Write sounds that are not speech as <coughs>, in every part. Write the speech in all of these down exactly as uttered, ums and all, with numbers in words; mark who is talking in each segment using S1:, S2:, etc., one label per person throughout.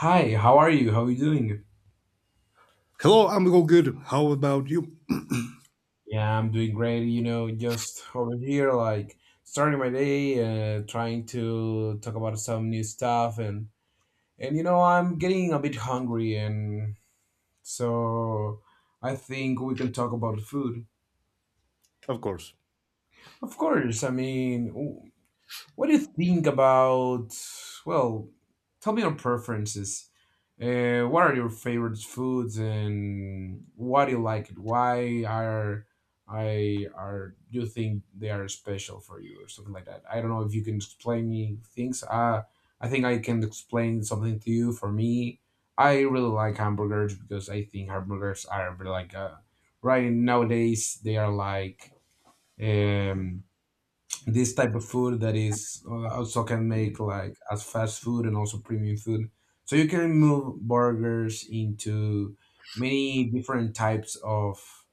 S1: Hi, how are you? How are you doing?
S2: Hello, I'm all good. How about you?
S1: Yeah, I'm doing great. You know, just over here, like starting my day, uh, trying to talk about some new stuff, and and you know, I'm getting a bit hungry, and so I think we can talk about food.
S2: Of course.
S1: Of course, I mean, What do you think about? Well, tell me your preferences. Uh, what are your favorite foods and why do you like it? Why are I are you think they are special for you or something like that? I don't know if you can explain me things. Uh, I think I can explain something to you. For me, I really like hamburgers, because I think hamburgers are like uh, right nowadays they are like. Um, this type of food that is uh, also can make like as fast food and also premium food. So you can move burgers into many different types of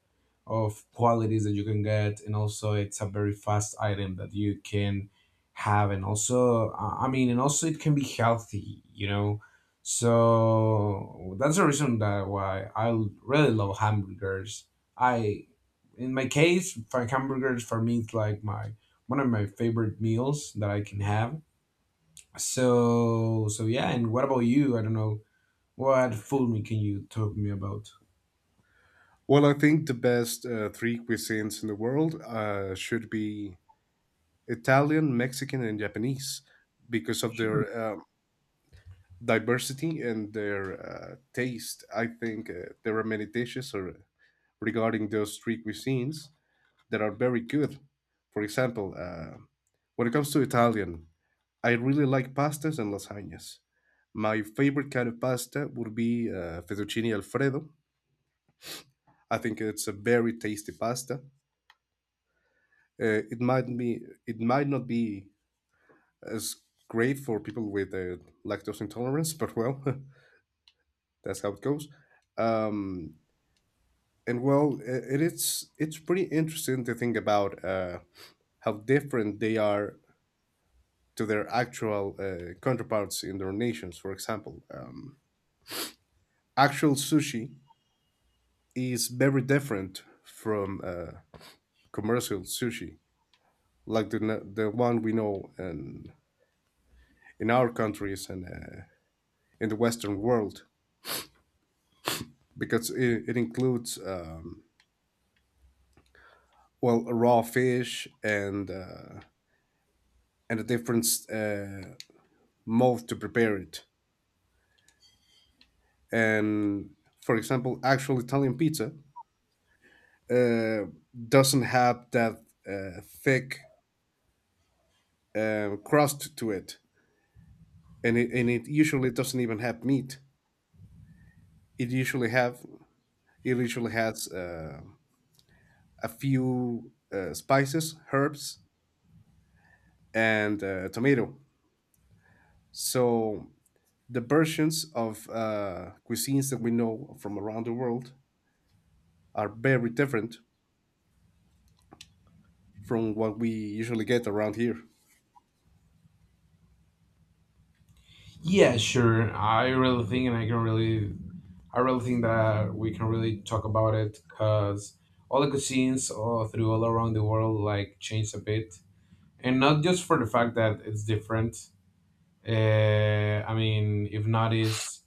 S1: of qualities that you can get, and also it's a very fast item that you can have, and also uh, I mean, and also it can be healthy you know So that's the reason that why i l- really love hamburgers. I, in my case for hamburgers, for me it's like my one of my favorite meals that I can have. So so yeah, and what about you? I don't know what food can you talk me about.
S2: Well, I think the best uh, three cuisines in the world uh, should be Italian, Mexican, and Japanese because of their um diversity and their uh, taste. I think uh, there are many dishes or, regarding those three cuisines that are very good. For example, uh, when it comes to Italian, I really like pastas and lasagnas. My favorite kind of pasta would be uh, fettuccine alfredo. I think it's a very tasty pasta. Uh, it might be it might not be as great for people with uh, lactose intolerance, but well, <laughs> that's how it goes. Um, and well, I- it is it's pretty interesting to think about uh, how different they are to their actual uh, counterparts in their nations. For example, um, actual sushi is very different from uh, commercial sushi, like the n- the one we know in in our countries and uh, in the Western world because it, it includes um, well raw fish and uh, and a different uh, mode to prepare it. And for example, actual Italian pizza uh, doesn't have that uh, thick uh, crust to it, and it and it usually doesn't even have meat. It usually have it usually has uh, a few uh, spices, herbs, and uh, tomato. So the versions of uh, cuisines that we know from around the world are very different from what we usually get around here.
S1: Yeah, sure. I really think, and I can really, I really think that we can really talk about it, because all the cuisines all through all around the world like change a bit, and not just for the fact that it's different. Uh, I mean, if not, is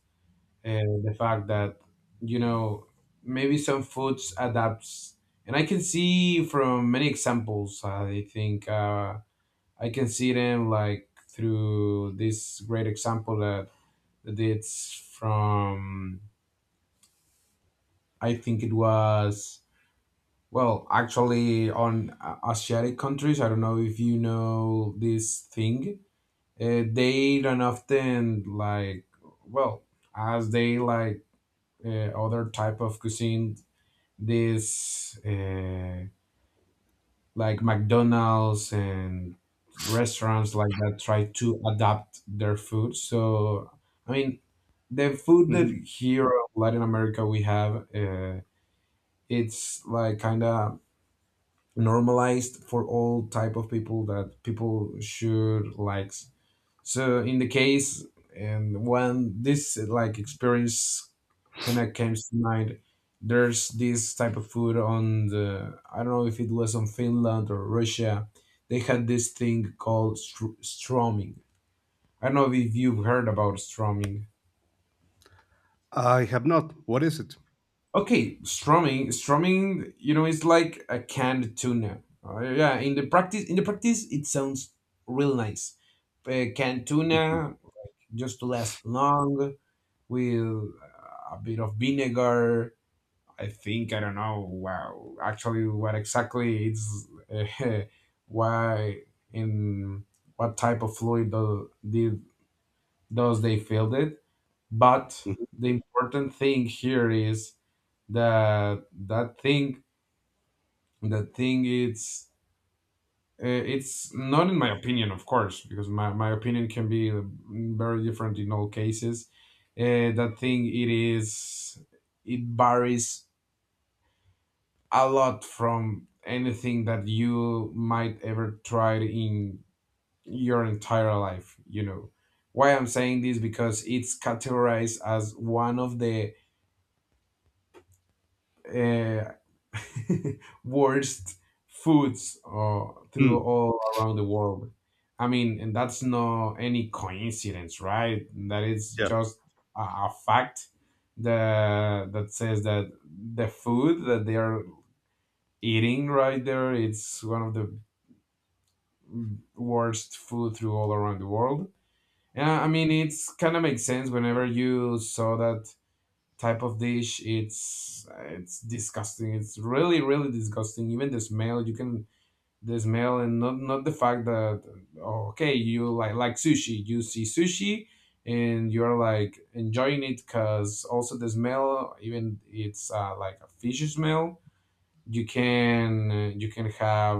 S1: uh, the fact that you know maybe some foods adapts, and I can see from many examples. I think uh, I can see them like through this great example that it's from, I think it was, well, actually on uh, Asiatic countries. I don't know if you know this thing. Uh, they don't often like, well, as they like uh, other type of cuisine, this uh, like McDonald's and restaurants like that try to adapt their food. So, I mean, the food that
S2: Mhm.
S1: here in Latin America we have. Uh, it's like kind of normalized for all type of people that people should like. So in the case, and when this like experience kind of came to mind, there's this type of food on the I don't know if it was on Finland or Russia, they had this thing called str- stroming I don't know if you've heard about stroming.
S2: I have not. What is it?
S1: Okay, strumming, strumming, you know, it's like a canned tuna. Uh, yeah, in the practice, in the practice, it sounds real nice. Uh, canned
S2: Mhm.
S1: tuna, just to last long with a bit of vinegar. I think I don't know. Wow, actually, what exactly it's uh, <laughs> why in what type of fluid do, did does they filled it? But
S2: Mhm.
S1: the important thing here is that that thing, the thing is, uh, it's not in my opinion, of course, because my, my opinion can be uh, very different in all cases. uh, that thing, it is it varies a lot from anything that you might ever try in your entire life you know Why I'm saying this, because it's categorized as one of the uh, <laughs> worst foods, uh, through
S2: Mm.
S1: all around the world. I mean, and that's not any coincidence, right? That is
S2: Yeah.
S1: just a, a fact that that says that the food that they are eating right there, it's one of the worst food through all around the world. Yeah, I mean, it's kind of makes sense whenever you saw that type of dish. It's it's disgusting. It's really really disgusting. Even the smell, you can the smell, and not not the fact that, oh, okay, you like like sushi. You see sushi and you're like enjoying it because also the smell. Even it's uh, like a fish smell. You can uh, you can have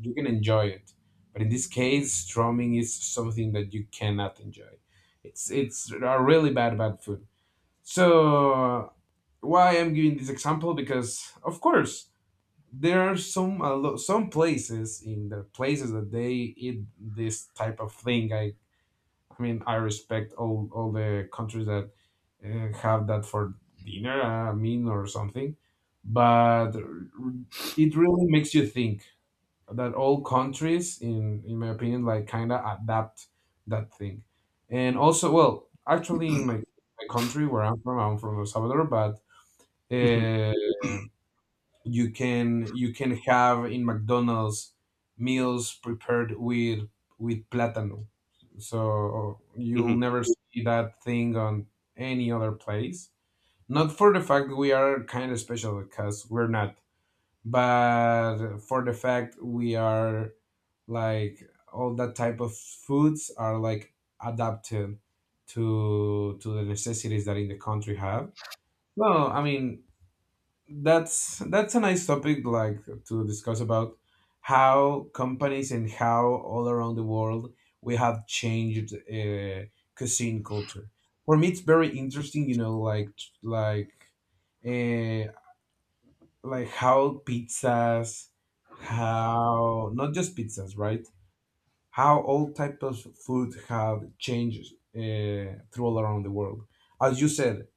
S1: you can enjoy it. But in this case, strumming is something that you cannot enjoy. It's it's a really bad bad food. So why I'm giving this example, because of course there are some a lo- some places, in the places that they eat this type of thing. I I mean I respect all all the countries that uh, have that for dinner, a meal or something, but r- it really makes you think that all countries, in in my opinion, like kind of adapt that thing. And also, well, actually in my, my country where I'm from, I'm from El Salvador, but
S2: Mhm.
S1: uh, you can you can have in McDonald's meals prepared with with plátano. So you'll
S2: Mhm.
S1: never see that thing on any other place. Not for the fact we are kind of special, because we're not, but for the fact we are like all that type of foods are like adapted to to the necessities that in the country have. No, I mean, that's that's a nice topic like to discuss about, how companies and how all around the world we have changed uh, cuisine culture. For me, it's very interesting, you know like like uh, like how pizzas, how not just pizzas, right, how all types of food have changed uh, through all around the world. As you said,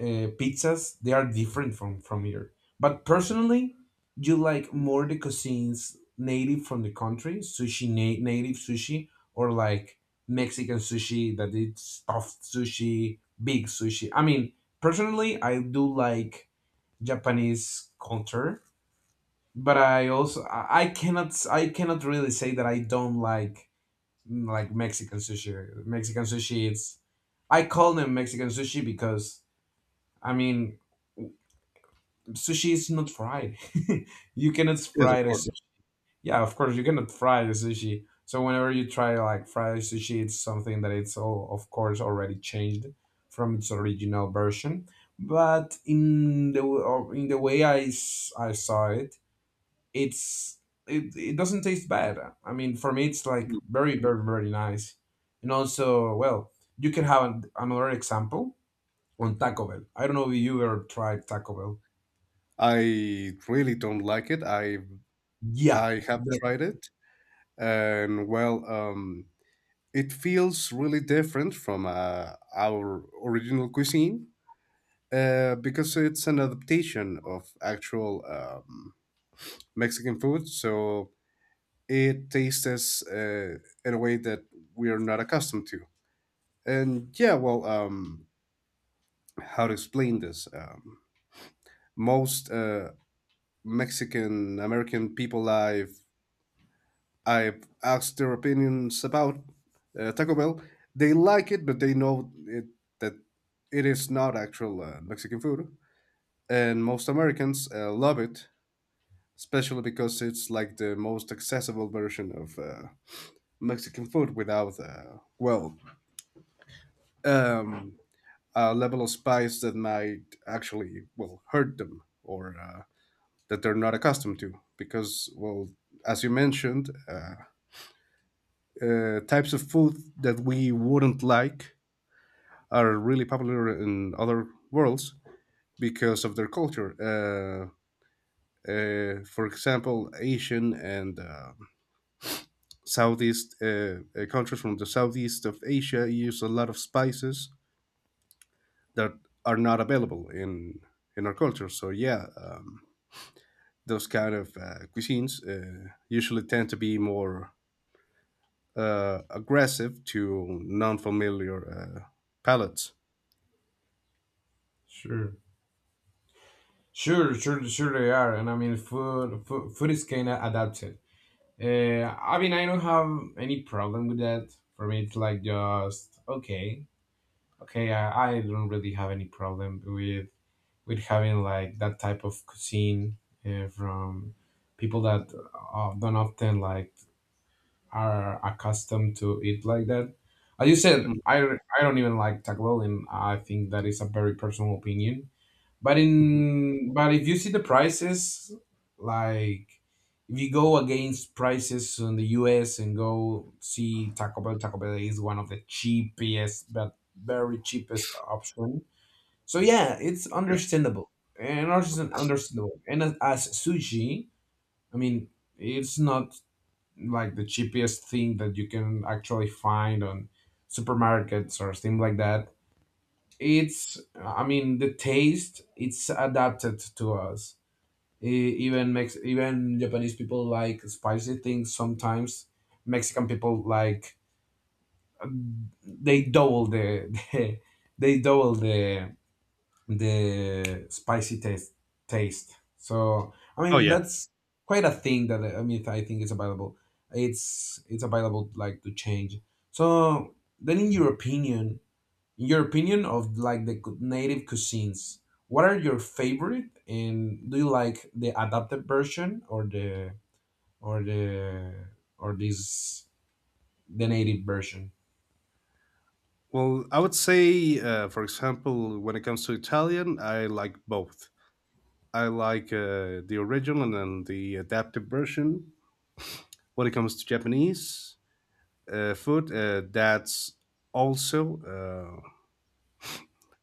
S1: uh, pizzas they are different from from here, but personally, you like more the cuisines native from the country? Sushi, na- native sushi? Or like Mexican sushi, that it's stuffed sushi, big sushi? I mean, personally I do like Japanese culture, but I also I I cannot s- I cannot really say that I don't like, mm, like Mexican sushi. Mexican sushi, it's, I call them Mexican sushi because, I mean, sushi is not fried. <laughs> You cannot
S2: Yes, of
S1: fry the
S2: course.
S1: sushi. Yeah, of course you cannot fry the sushi. So whenever you try like fried sushi, it's something that it's all of course already changed from its original version. But in the w- or in the way I, s- I saw it, it's, it, it doesn't taste bad. I mean, for me, it's like
S2: Mhm.
S1: very very very nice. And also, well, you can have an, another example on Taco Bell. I don't know if you ever tried Taco Bell.
S2: I really don't like it. I
S1: Yeah,
S2: I have tried it, and well, um, it feels really different from uh, our original cuisine uh, because it's an adaptation of actual um, Mexican food, so it tastes uh, in a way that we are not accustomed to. And yeah, well, um, how to explain this? Um, most uh, Mexican American people I've I've asked their opinions about uh, Taco Bell, they like it, but they know it, that it is not actual uh, Mexican food. And most Americans uh, love it, especially because it's like the most accessible version of uh, Mexican food without, uh, well, um, a level of spice that might actually, well, hurt them or uh, that they're not accustomed to. Because, well, as you mentioned, uh, uh, types of food that we wouldn't like are really popular in other worlds because of their culture. Uh, uh, for example, Asian and uh, Southeast uh, uh, countries from the Southeast of Asia use a lot of spices that are not available in in our culture. So yeah, um, those kind of uh, cuisines uh, usually tend to be more uh, aggressive to non-familiar uh, palates.
S1: Sure, sure, sure, sure they are, and I mean, food, food, food is kind of adapted. Uh, I mean, I don't have any problem with that. For me, it's like just okay, okay. I, I don't really have any problem with with having like that type of cuisine uh, from people that uh, don't often like are accustomed to eat like that. As you said,
S2: Mm.
S1: I I don't even like Taco Bell, and I think that is a very personal opinion. But
S2: Mhm.
S1: in but if you see the prices, like if you go against prices in the U S and go see Taco Bell, Taco Bell is one of the cheapest, but very cheapest option. So yeah, it's
S2: Yeah.
S1: understandable and also understandable. And as, as sushi, I mean, it's not like the cheapest thing that you can actually find on supermarkets or things like that. It's, I mean, the taste it's adapted to us. E- even Mex- even Japanese people like spicy things sometimes. Mexican people like, they double the, <laughs> the they double the the spicy taste taste So I
S2: Oh
S1: mean,
S2: yeah.
S1: that's quite a thing that, I mean, I think is available. It's it's available like to change. So then, in your opinion in your opinion of like the cu- native cuisines, what are your favorite? And do you like the adapted version, or the or the or this the native version?
S2: Well, I would say, uh, for example, when it comes to Italian, I like both. I like uh, the original and then the adapted version. When it comes to Japanese uh, food, uh, that's also uh,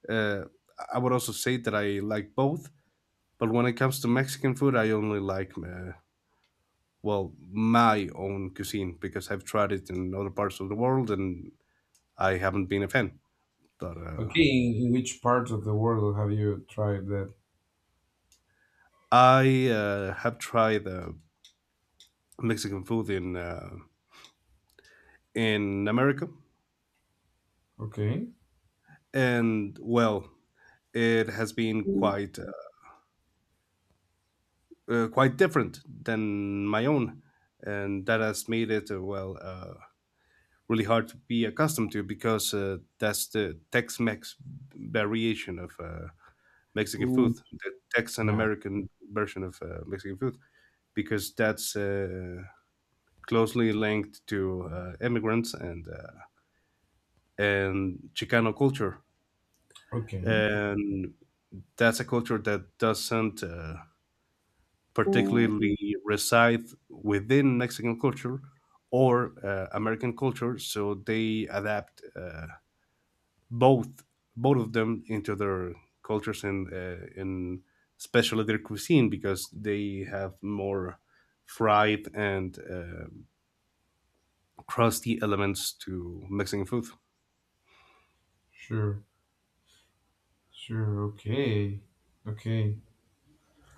S2: Uh, I would also say that I like both, but when it comes to Mexican food, I only like uh, well my own cuisine because I've tried it in other parts of the world and I haven't been a fan. But uh,
S1: Okay, in, in which part of the world have you tried that?
S2: I uh, have tried uh, Mexican food in uh, in America,
S1: Okay.
S2: and well, it has been quite uh, uh, quite different than my own, and that has made it uh, well. Uh, really hard to be accustomed to because uh, that's the Tex-Mex variation of uh, Mexican
S1: Ooh,
S2: food, the Texan
S1: yeah,
S2: American version of uh, Mexican food, because that's uh, closely linked to uh, immigrants and uh, and Chicano culture,
S1: okay,
S2: and that's a culture that doesn't uh, particularly reside within Mexican culture or uh, American culture, so they adapt. Uh, both both of them into their cultures and uh, and especially their cuisine because they have more fried and uh, crusty elements to Mexican food.
S1: sure, sure, okay, okay.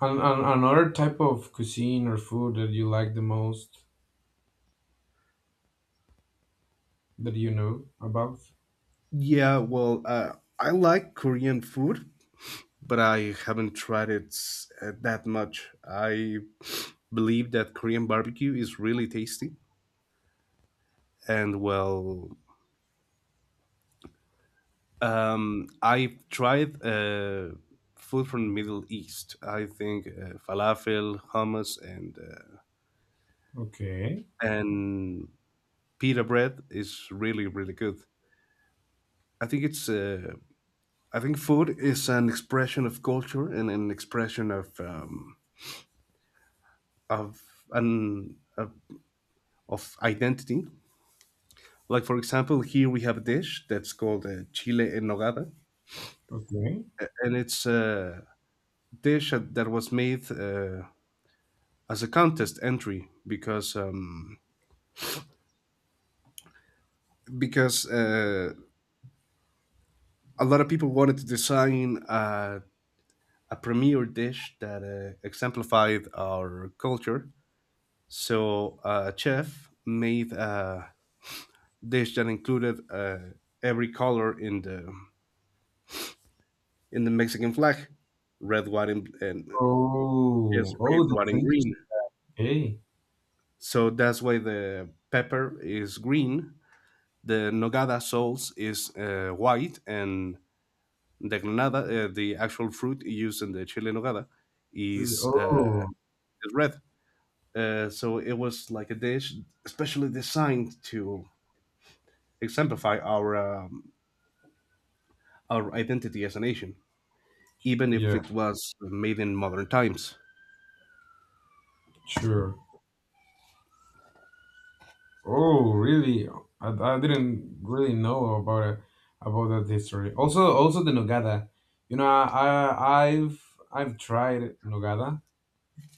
S1: And, and another type of cuisine or food that you like the most, that you know about?
S2: Yeah, well, uh, I like Korean food, but I haven't tried it uh, that much. I <sniffs> believe that Korean barbecue is really tasty, and well, Um, I've tried uh, food from the Middle East. I think uh, falafel, hummus, and uh,
S1: Okay,
S2: and pita bread is really really good. I think it's. Uh, I think food is an expression of culture and an expression of um, of an of, of identity. Like for example, here we have a dish that's called uh, chile en nogada,
S1: okay.
S2: and it's a dish that was made. Uh, as a contest entry because um, because uh, a lot of people wanted to design a, a premier dish that uh, exemplified our culture. So uh, a chef made a dish that included uh, every color in the in the Mexican flag, red, white, and, and yes,
S1: Oh,
S2: red,
S1: oh,
S2: white,
S1: that's
S2: and green.
S1: interesting. Hey,
S2: So that's why the pepper is green, the nogada sauce is uh, white, and the granada, uh, the actual fruit used in the chile en nogada, is uh,
S1: oh,
S2: is red. Uh, so it was like a dish especially designed to exemplify our um, our identity as a nation, even if
S1: yeah,
S2: it was made in modern times.
S1: sure. Oh, really? I, I didn't really know about it, about that history. Also, also the nogada. You know, I, I I've I've tried nogada,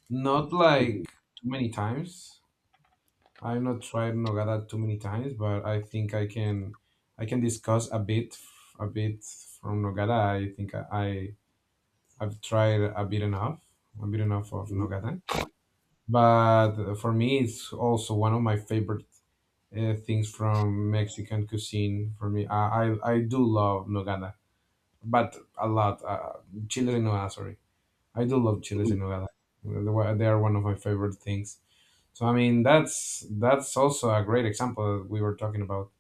S1: not
S2: Mhm.
S1: like too many times. I've not tried nogada too many times, but I think I can I can discuss a bit a bit from nogada. I think I, I I've tried a bit enough, a bit enough of
S2: Mhm.
S1: nogada, but for me it's also one of my favorite uh, things from Mexican cuisine. For me, i i, I do love nogada, but a lot uh, chiles en nogada, sorry. I do love chiles
S2: Mhm.
S1: en nogada. They were- they are one of my favorite things. So I mean, that's that's also a great example that we were talking about,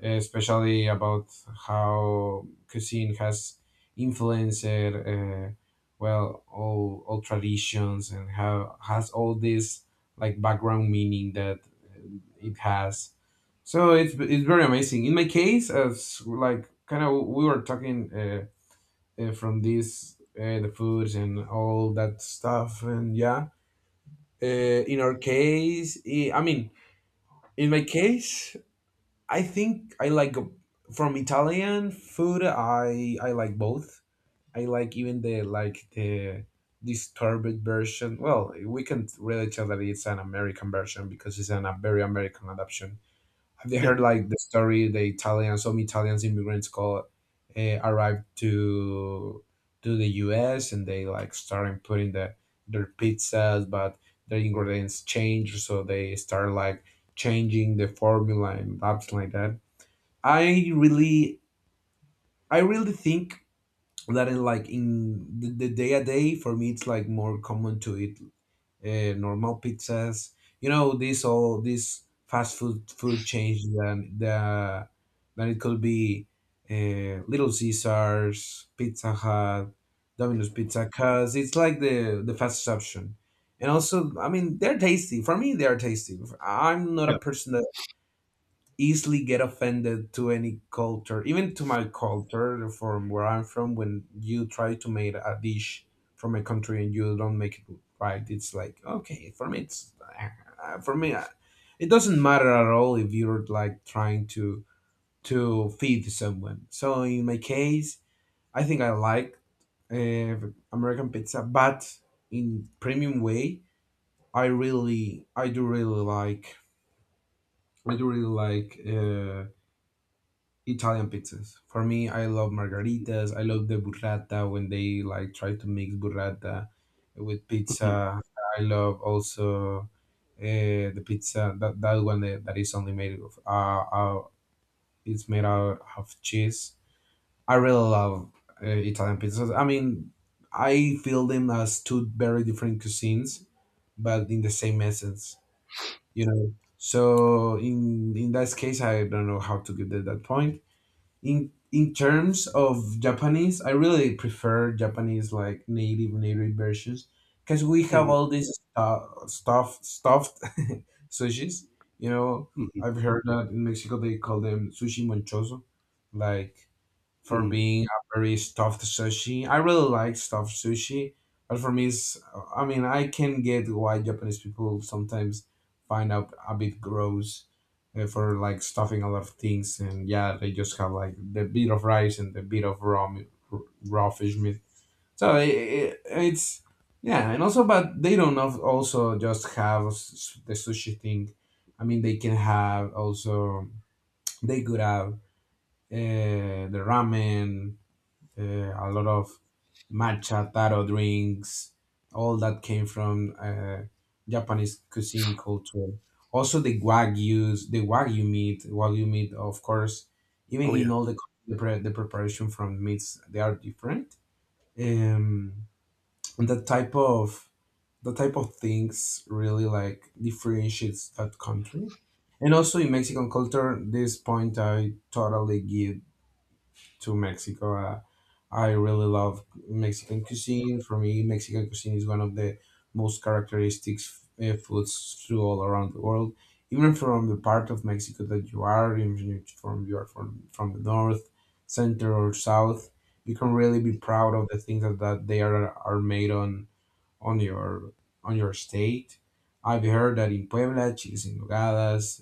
S1: especially about how cuisine has influenced, uh, well, all all traditions, and how has all this like background meaning that it has. So it's it's very amazing. In my case, as like kind of we were talking, uh, uh, from this uh, the foods and all that stuff. And yeah, uh, in our case, eh, I mean, in my case, I think I like from Italian food. I I like both. I like even the like the disturbed version. Well, we can really tell that it's an American version, because it's an, a very American adaptation. Have you
S2: Yeah,
S1: heard like the story? The Italians, some Italians immigrants called uh, arrived to to the U S, and they like started putting the their pizzas, but their ingredients change, so they start like changing the formula and something like that. I really, I really think that in like in the, the day a day, for me it's like more common to eat uh, normal pizzas. You know, this all this fast food food change, than the than it could be uh, Little Caesars, Pizza Hut, Domino's Pizza, 'cause it's like the the fastest option. And also, I mean, they're tasty. For me, they are tasty. I'm not
S2: yeah.
S1: a person easily get offended to any culture, even to my culture from where I'm from. When you try to make a dish from a country and you don't make it right, it's like okay for me. It's uh, uh, for me. uh, It doesn't matter at all if you're like trying to to feed someone. So in my case, I think I like uh, American pizza, but in premium way. I really, I do really like, I do really like. Uh, Italian pizzas. For me, I love margaritas. I love the burrata when they like try to mix burrata with
S2: Mhm.
S1: pizza. I love also uh, the pizza that, that one that, that is only made of uh, uh it's made out of cheese. I really love uh, Italian pizzas. I mean, I feel them as two very different cuisines, but in the same essence, you know. So in in that case, I don't know how to give that, that point in in terms of Japanese, I really prefer Japanese like native native versions, because we have
S2: Mhm.
S1: all these uh, stuff stuffed <laughs> sushis. You know,
S2: Mhm.
S1: I've heard that in Mexico they call them sushi monchoso, like for
S2: Mhm.
S1: being a very stuffed sushi. I really like stuffed sushi, but for me, it's, I mean, I can get why Japanese people sometimes find out a bit gross uh, for like stuffing a lot of things, and yeah, they just have like the bit of rice and the bit of raw meat, raw fish meat. So I I it's yeah, and also, but they don't of- also just have s- the sushi thing. I mean, they can have also they could have uh, the ramen, uh, a lot of matcha, taro drinks, all that came from uh, Japanese cuisine culture. Also the wagyus, the wagyu meat, wagyu meat, of course, even
S2: Oh
S1: in
S2: yeah,
S1: all the the, pre- the preparation from meats, they are different. Um, and that type of the type of things really like differentiates that country. And also in Mexican culture, this point I totally give to Mexico. Uh, I really love Mexican cuisine. For me, Mexican cuisine is one of the most characteristic uh, foods through all around the world. Even from the part of Mexico that you are, even if from you are from from the north, center, or south, you can really be proud of the things that, that they are are made on on your on your state. I've heard that in Puebla, chiles en nogadas,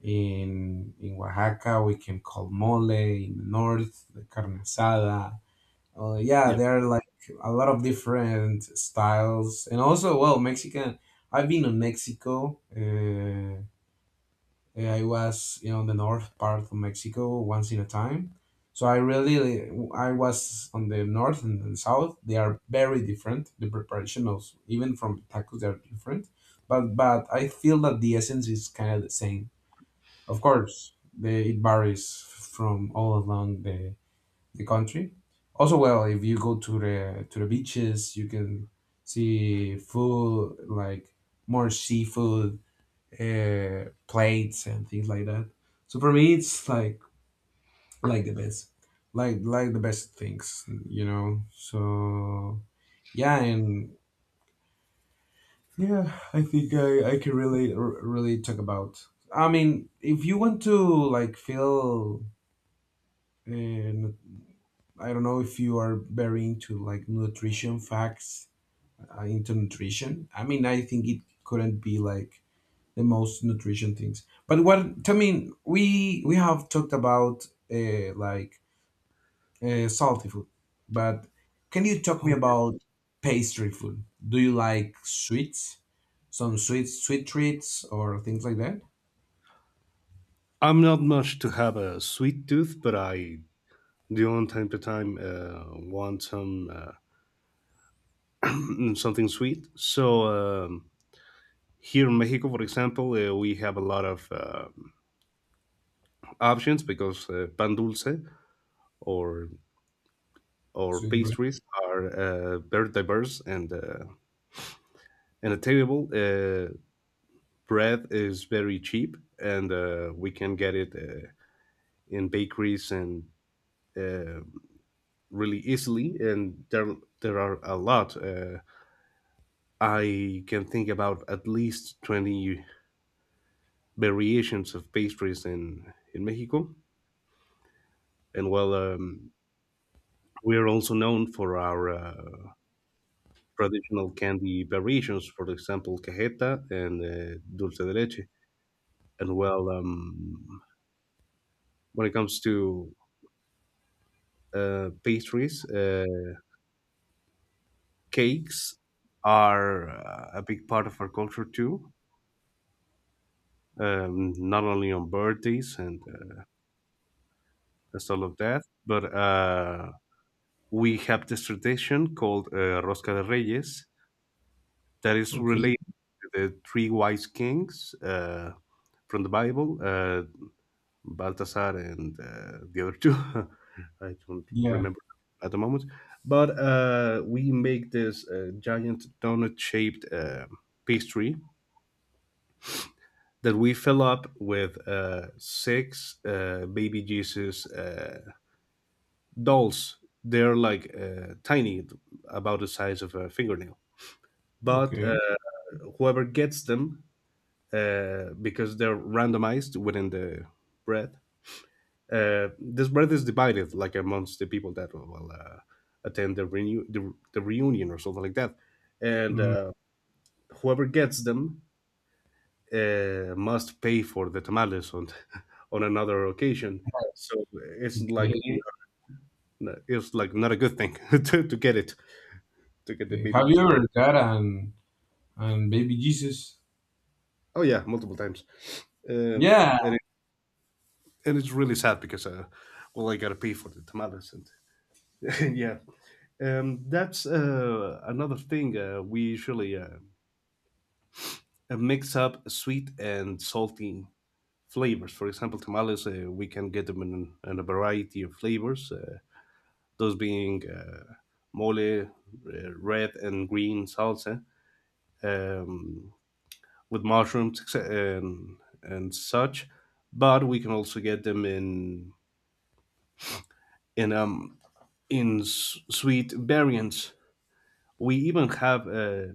S1: in, in Oaxaca, we can call mole. In the north, the carne asada. Uh, yeah,
S2: yeah.
S1: there are like a lot of different styles. And also, well, Mexican. I've been in Mexico. Uh, I was, you know, the north part of Mexico once in a time. So I really, I was on the north and the south. They are very different. The preparation of even from tacos, they are different. But but I feel that the essence is kind of the same. Of course, the, it varies from all along the, the country. Also, well, if you go to the to the beaches, you can see food like more seafood uh, plates and things like that. So for me, it's like like the best, like like the best things, you know. So yeah, and yeah, I think I I can really r- really talk about. I mean, if you want to like feel uh, I don't know if you are very into like nutrition facts, uh, into nutrition. I mean, I think it couldn't be like the most nutrition things. But what I mean, we we have talked about uh, like uh, salty food, but can you talk me
S2: Oh.
S1: about pastry food? Do you like sweets, some sweet sweet treats or things like that?
S2: I'm not much to have a sweet tooth, but I do on time to time uh, want some uh, <clears throat> something sweet. So. Um, Here in Mexico, for example, uh, we have a lot of uh, options because uh, pan dulce or or
S1: Sweet bread.
S2: pastries are uh, very diverse and uh, and attainable. Uh, bread is very cheap, and uh, we can get it uh, in bakeries and uh, really easily. And there there are a lot. Uh, I can think about at least twenty variations of pastries in in Mexico, and well um, we are also known for our uh, traditional candy variations, for example, cajeta and uh, dulce de leche. And well, um, when it comes to uh, pastries, uh, cakes are uh, a big part of our culture too. Um, not only on birthdays and uh, and all of that, but uh, we have this tradition called uh, Rosca de Reyes that is
S1: Okay.
S2: related to the three wise kings uh, from the Bible. Uh, Baltasar and uh, the other two. <laughs> I don't
S1: Yeah.
S2: remember at the moment. But uh, we make this uh, giant donut shaped uh, pastry that we fill up with uh, six uh, baby Jesus uh, dolls. They're like uh, tiny, about the size of a fingernail. But uh,
S1: Okay.
S2: whoever gets them, uh, because they're randomized within the bread, uh, this bread is divided like amongst the people that will uh, attend the, renew- the the reunion or something like that, and
S1: Mm,
S2: uh, whoever gets them uh, must pay for the tamales on <laughs> on another occasion. So it's like
S1: okay.
S2: n- it's like not a good thing <laughs> to, to get it to get the
S1: Okay.
S2: baby.
S1: Have you
S2: Jesus.
S1: ever got an and baby Jesus?
S2: Oh yeah, multiple times, uh, and
S1: Yeah.
S2: it, and it's really sad because uh, well I gotta pay for the tamales and <laughs> yeah. Um, that's uh, another thing uh, we usually uh, uh, mix up sweet and salty flavors. For example, tamales, uh, we can get them in, in a variety of flavors, uh, those being uh, mole, uh, red and green salsa, um, with mushrooms etc- and, and such. But we can also get them in in um in s- sweet variants. We even have uh,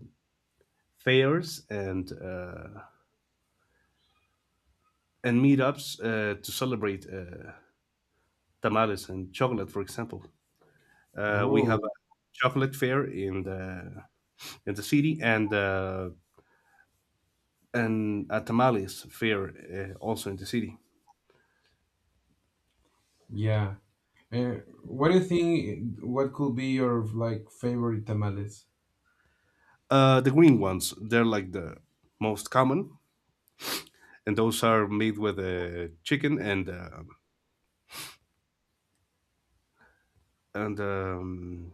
S2: fairs and uh, and meetups uh, to celebrate. Uh, tamales and chocolate, for example. Uh, we
S1: Oh,
S2: have a chocolate fair in the in the city and uh, and a tamales fair uh, also in the city.
S1: yeah. Uh, what do you think? What could be your like favorite tamales?
S2: Uh, the green ones, they're like the most common, and those are made with uh, chicken and uh, and um,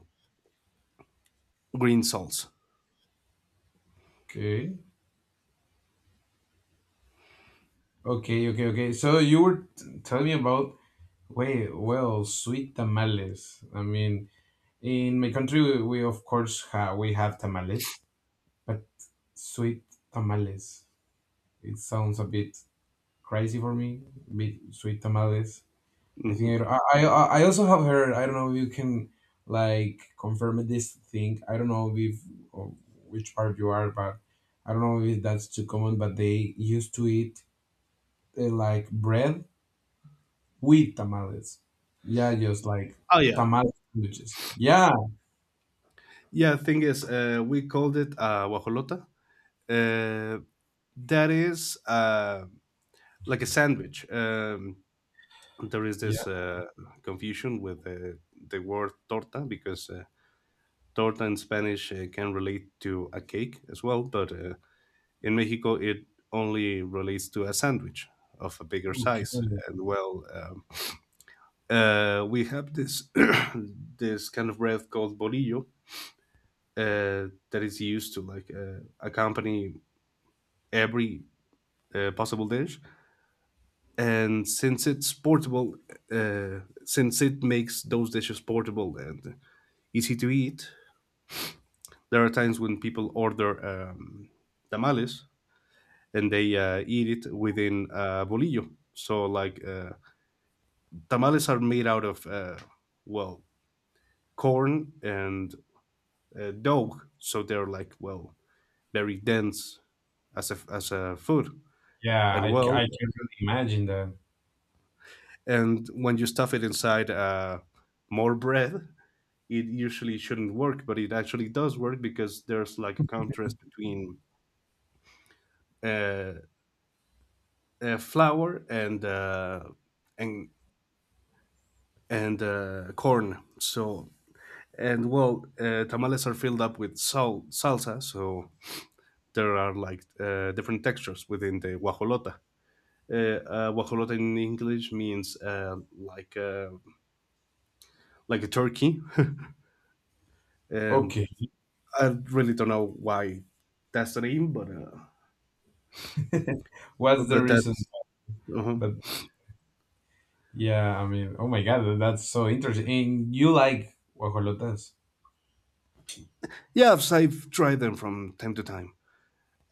S2: green salts.
S1: Okay. Okay. Okay. Okay. So you were t- telling me about wait, well, sweet tamales. I mean, in my country, we, we of course ha we have tamales, but sweet tamales. It sounds a bit crazy for me. Bit sweet tamales. I think
S2: Hmm.
S1: I, I I I also have heard. I don't know if you can like confirm this thing. I don't know if or which part you are, but I don't know if that's too common. But they used to eat uh, like bread with tamales. Yeah, just like
S2: Oh yeah,
S1: tamal sandwiches. Yeah,
S2: yeah. Thing is, uh, we called it uh, guajolota. Uh, that is uh, like a sandwich. Um, there is
S1: yeah,
S2: this uh, confusion with uh, the word torta because uh, torta in Spanish uh, can relate to a cake as well, but uh, in Mexico it only relates to a sandwich of a bigger
S1: okay,
S2: size.
S1: okay.
S2: And well, um, uh, we have this <coughs> <clears throat> this kind of bread called bolillo uh, that is used to like uh, accompany every uh, possible dish. And since it's portable, uh, since it makes those dishes portable and easy to eat. There are times when people order um, tamales and they uh, eat it within uh, bolillo. So, like, uh, tamales are made out of, uh, well, corn and uh, dough. So they're like, well, very dense as a, as a food.
S1: Yeah.
S2: And
S1: I c-
S2: well,
S1: I can really imagine that.
S2: and when you stuff it inside uh, more bread, it usually shouldn't work, but it actually does work because there's like a contrast between uh, uh, flour and uh, and and uh, corn. So and well, uh, tamales are filled up with sal- salsa. So there are like uh, different textures within the guajolota. Uh, uh, Guajolota in English means uh, like uh, like a turkey. <laughs> Um,
S1: Okay,
S2: I really don't know why that's the name, but uh,
S1: <laughs> what's
S2: but
S1: the
S2: but
S1: reason?
S2: that's uh
S1: But yeah, I mean, oh my god, that's so interesting. And you like guajolotas?
S2: yeah. I've, I've tried them from time to time.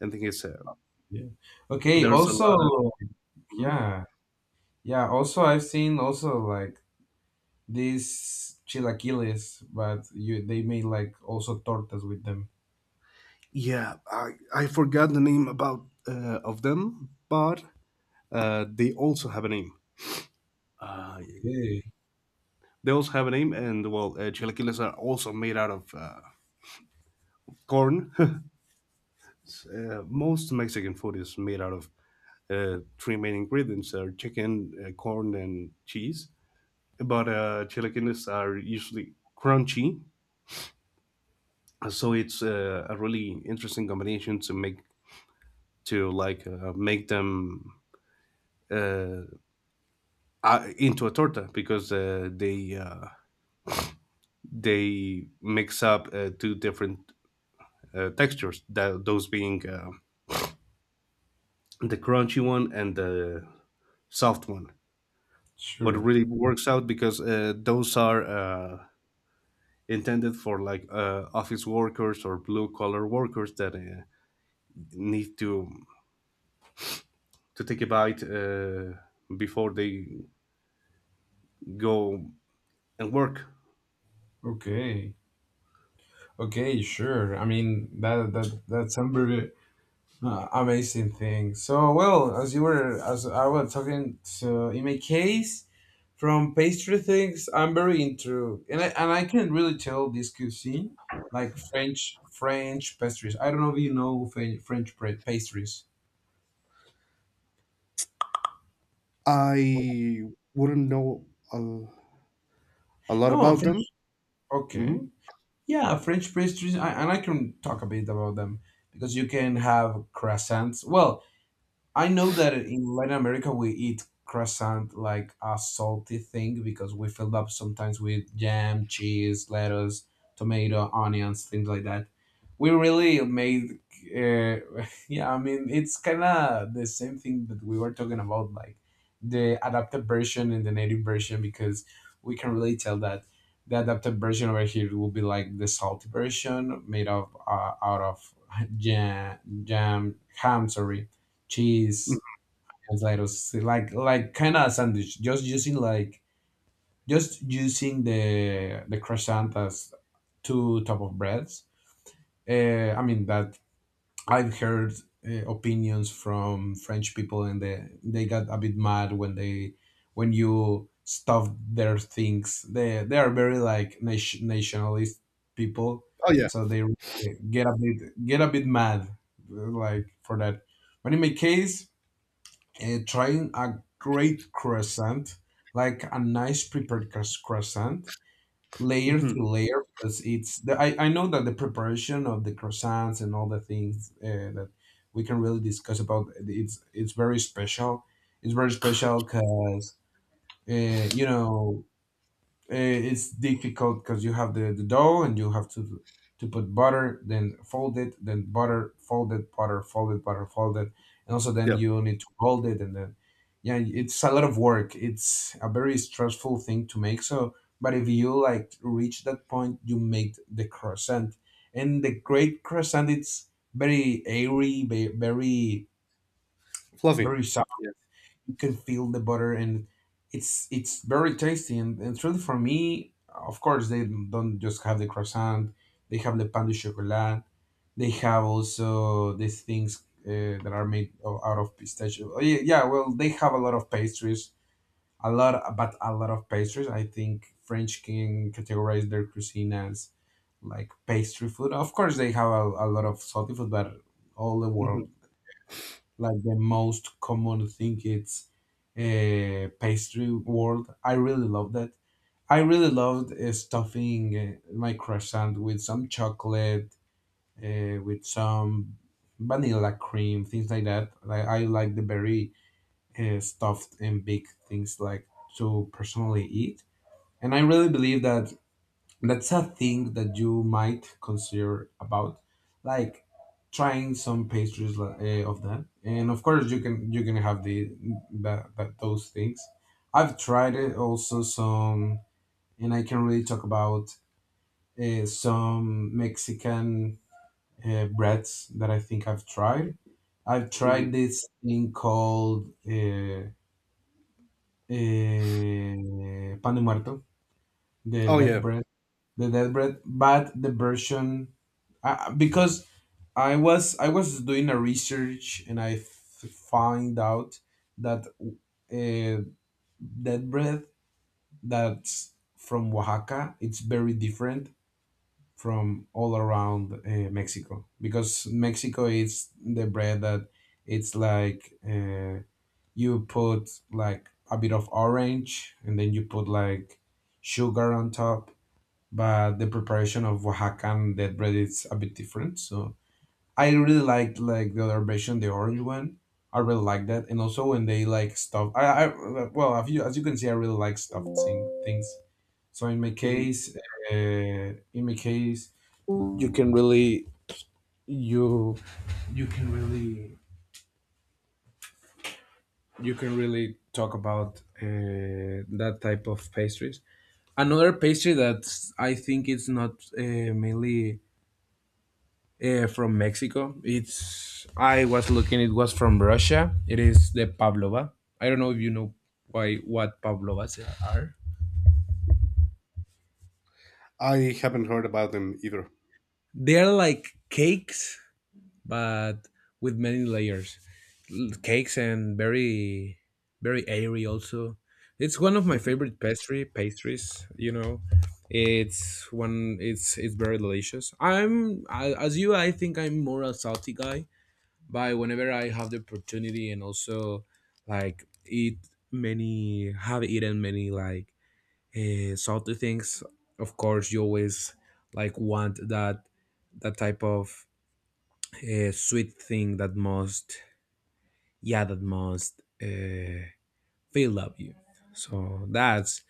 S2: I think it's uh,
S1: Yeah. Okay.
S2: there's a
S1: Also,
S2: lot of. Mhm.
S1: yeah, yeah. Also, I've seen also like these chilaquiles, but you they made like also tortas with them.
S2: Yeah, I, I forgot the name about uh, of them, but uh, they also have a name. Uh,
S1: Okay.
S2: they also have a name, and well, uh, chilaquiles are also made out of uh, corn. <laughs> Uh, most Mexican food is made out of uh, three main ingredients: are chicken, uh, corn, and cheese. But uh, chilaquiles are usually crunchy, so it's uh, a really interesting combination to make to like uh, make them uh, uh, into a torta because uh, they uh, they mix up uh, two different uh, textures, that, those being uh, the crunchy one and the soft one. But it
S1: Sure.
S2: really works out because uh, those are uh, intended for like uh, office workers or blue collar workers that uh, need to to take a bite uh, before they go and work.
S1: Okay. Okay. Sure. I mean that that that's some very uh, amazing thing. So well, as you were as I was talking, so in my case. From pastry things, I'm very into, and I and I can really tell this cuisine, like French French pastries. I don't know if you know French French pra- pastries.
S2: I wouldn't know a, a lot
S1: No,
S2: about them.
S1: French.
S2: Hmm.
S1: Okay. Yeah, French pastries, I, and I can talk a bit about them, because you can have croissants. Well, I know that in Latin America we eat croissant like a salty thing, because we fill up sometimes with jam, cheese, lettuce, tomato, onions, things like that. We really made, uh, <laughs> yeah, I mean, it's kind of the same thing that we were talking about, like the adapted version and the native version, because we can really tell that the adapted version over here will be like the salty version made of uh, out of <laughs> jam, jam, ham, sorry, cheese, potatoes, like like kind of sandwich. Just using like just using the the croissant as two type of breads. Uh, I mean that I've heard uh, opinions from French people, and they they got a bit mad when they when you stuff their things. They they are very like nation, nationalist people,
S2: Oh yeah.
S1: so they really get a bit get a bit mad like for that. But in my case, uh, trying a great croissant, like a nice prepared cros- croissant, layer
S2: Hmm.
S1: through layer, because it's the, I, I know that the preparation of the croissants and all the things uh, that we can really discuss about it's it's very special. It's very special because uh, you know, uh, it's difficult because you have the, the dough and you have to to put butter, then fold it, then butter, fold it, butter, fold it, butter, fold it, and also then
S2: Yeah.
S1: you need to hold it, and then yeah, it's a lot of work. It's a very stressful thing to make. So, but if you like reach that point, you make the croissant, and the great croissant it's very airy, ve- very
S2: Fluffy.
S1: very
S2: Yeah.
S1: you can feel the butter and it's it's very tasty, and, and truly for me, of course they don't just have the croissant, they have the pan de chocolat, they have also these things uh, that are made o- out of pistachio. Oh, yeah, yeah, well they have a lot of pastries, a lot, but a lot of pastries. I think french can categorize their cuisine as like pastry food. Of course they have a, a lot of salty food, but all the
S2: Hmm.
S1: world like the most common thing it's uh, pastry world. I really love that. I really loved uh, stuffing uh, my croissant with some chocolate, uh, with some vanilla cream, things like that. Like I like the very uh, stuffed and big things like to personally eat. And I really believe that that's a thing that you might consider about like trying some pastries li- eh, of that. And of course you can you can have the that, that those things. I've tried it also some, and I can really talk about uh, some Mexican uh, breads that I think I've tried. I've tried
S2: Hmm.
S1: this thing called uh, uh, pan de muerto, the
S2: Oh
S1: dead
S2: yeah.
S1: bread, the Deathbread, but the version uh, because I was I was doing a research, and I f- find out that uh, Deathbread that's from Oaxaca it's very different from all around uh, Mexico, because Mexico is the bread that it's like uh, you put like a bit of orange and then you put like sugar on top. But the preparation of Oaxacan dead bread is a bit different. So I really liked like the other version, the orange one. I really like that, and also when they like stuff. I, I well, as you as you can see, I really like stuffed thing, things. So in my
S2: Hmm.
S1: case, uh, in my case, you can really you you can really you can really talk about uh, that type of pastries. Another pastry that I think it's not uh, mainly uh, from Mexico. It's I was looking. It was from Russia. It is the pavlova. I don't know if you know why what pavlovas are.
S2: I haven't heard about them either.
S1: They are like cakes, but with many layers. L- Cakes and very very airy. Also, it's one of my
S2: Mhm.
S1: favorite pastry pastries. You know, it's one. It's it's very delicious. I'm I, as you. I think I'm more a salty guy. By whenever I have the opportunity, and also like eat many, have eaten many like uh, salty things. Of course, you always like want that that type of uh, sweet thing that must, yeah, that must uh, fill up you. So that's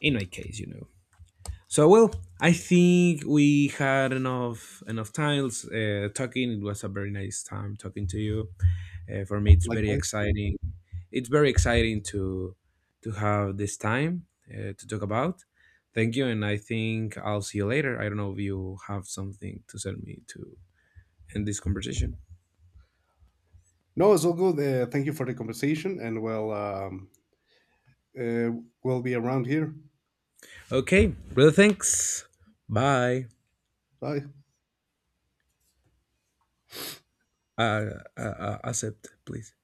S1: in my case, you know. So well, I think we had enough enough times uh, talking. It was a very nice time talking to you. Uh, for me, it's very
S2: Likewise.
S1: exciting. It's very exciting to to have this time uh, to talk about. Thank you, and I think I'll see you later. I don't know if you have something to send me to end this conversation.
S2: No, it's all good. Uh, thank you for the conversation, and we'll um, uh, we'll be around here.
S1: Okay, brother. Thanks. Bye.
S2: Bye.
S1: Uh, uh, uh, accept, please.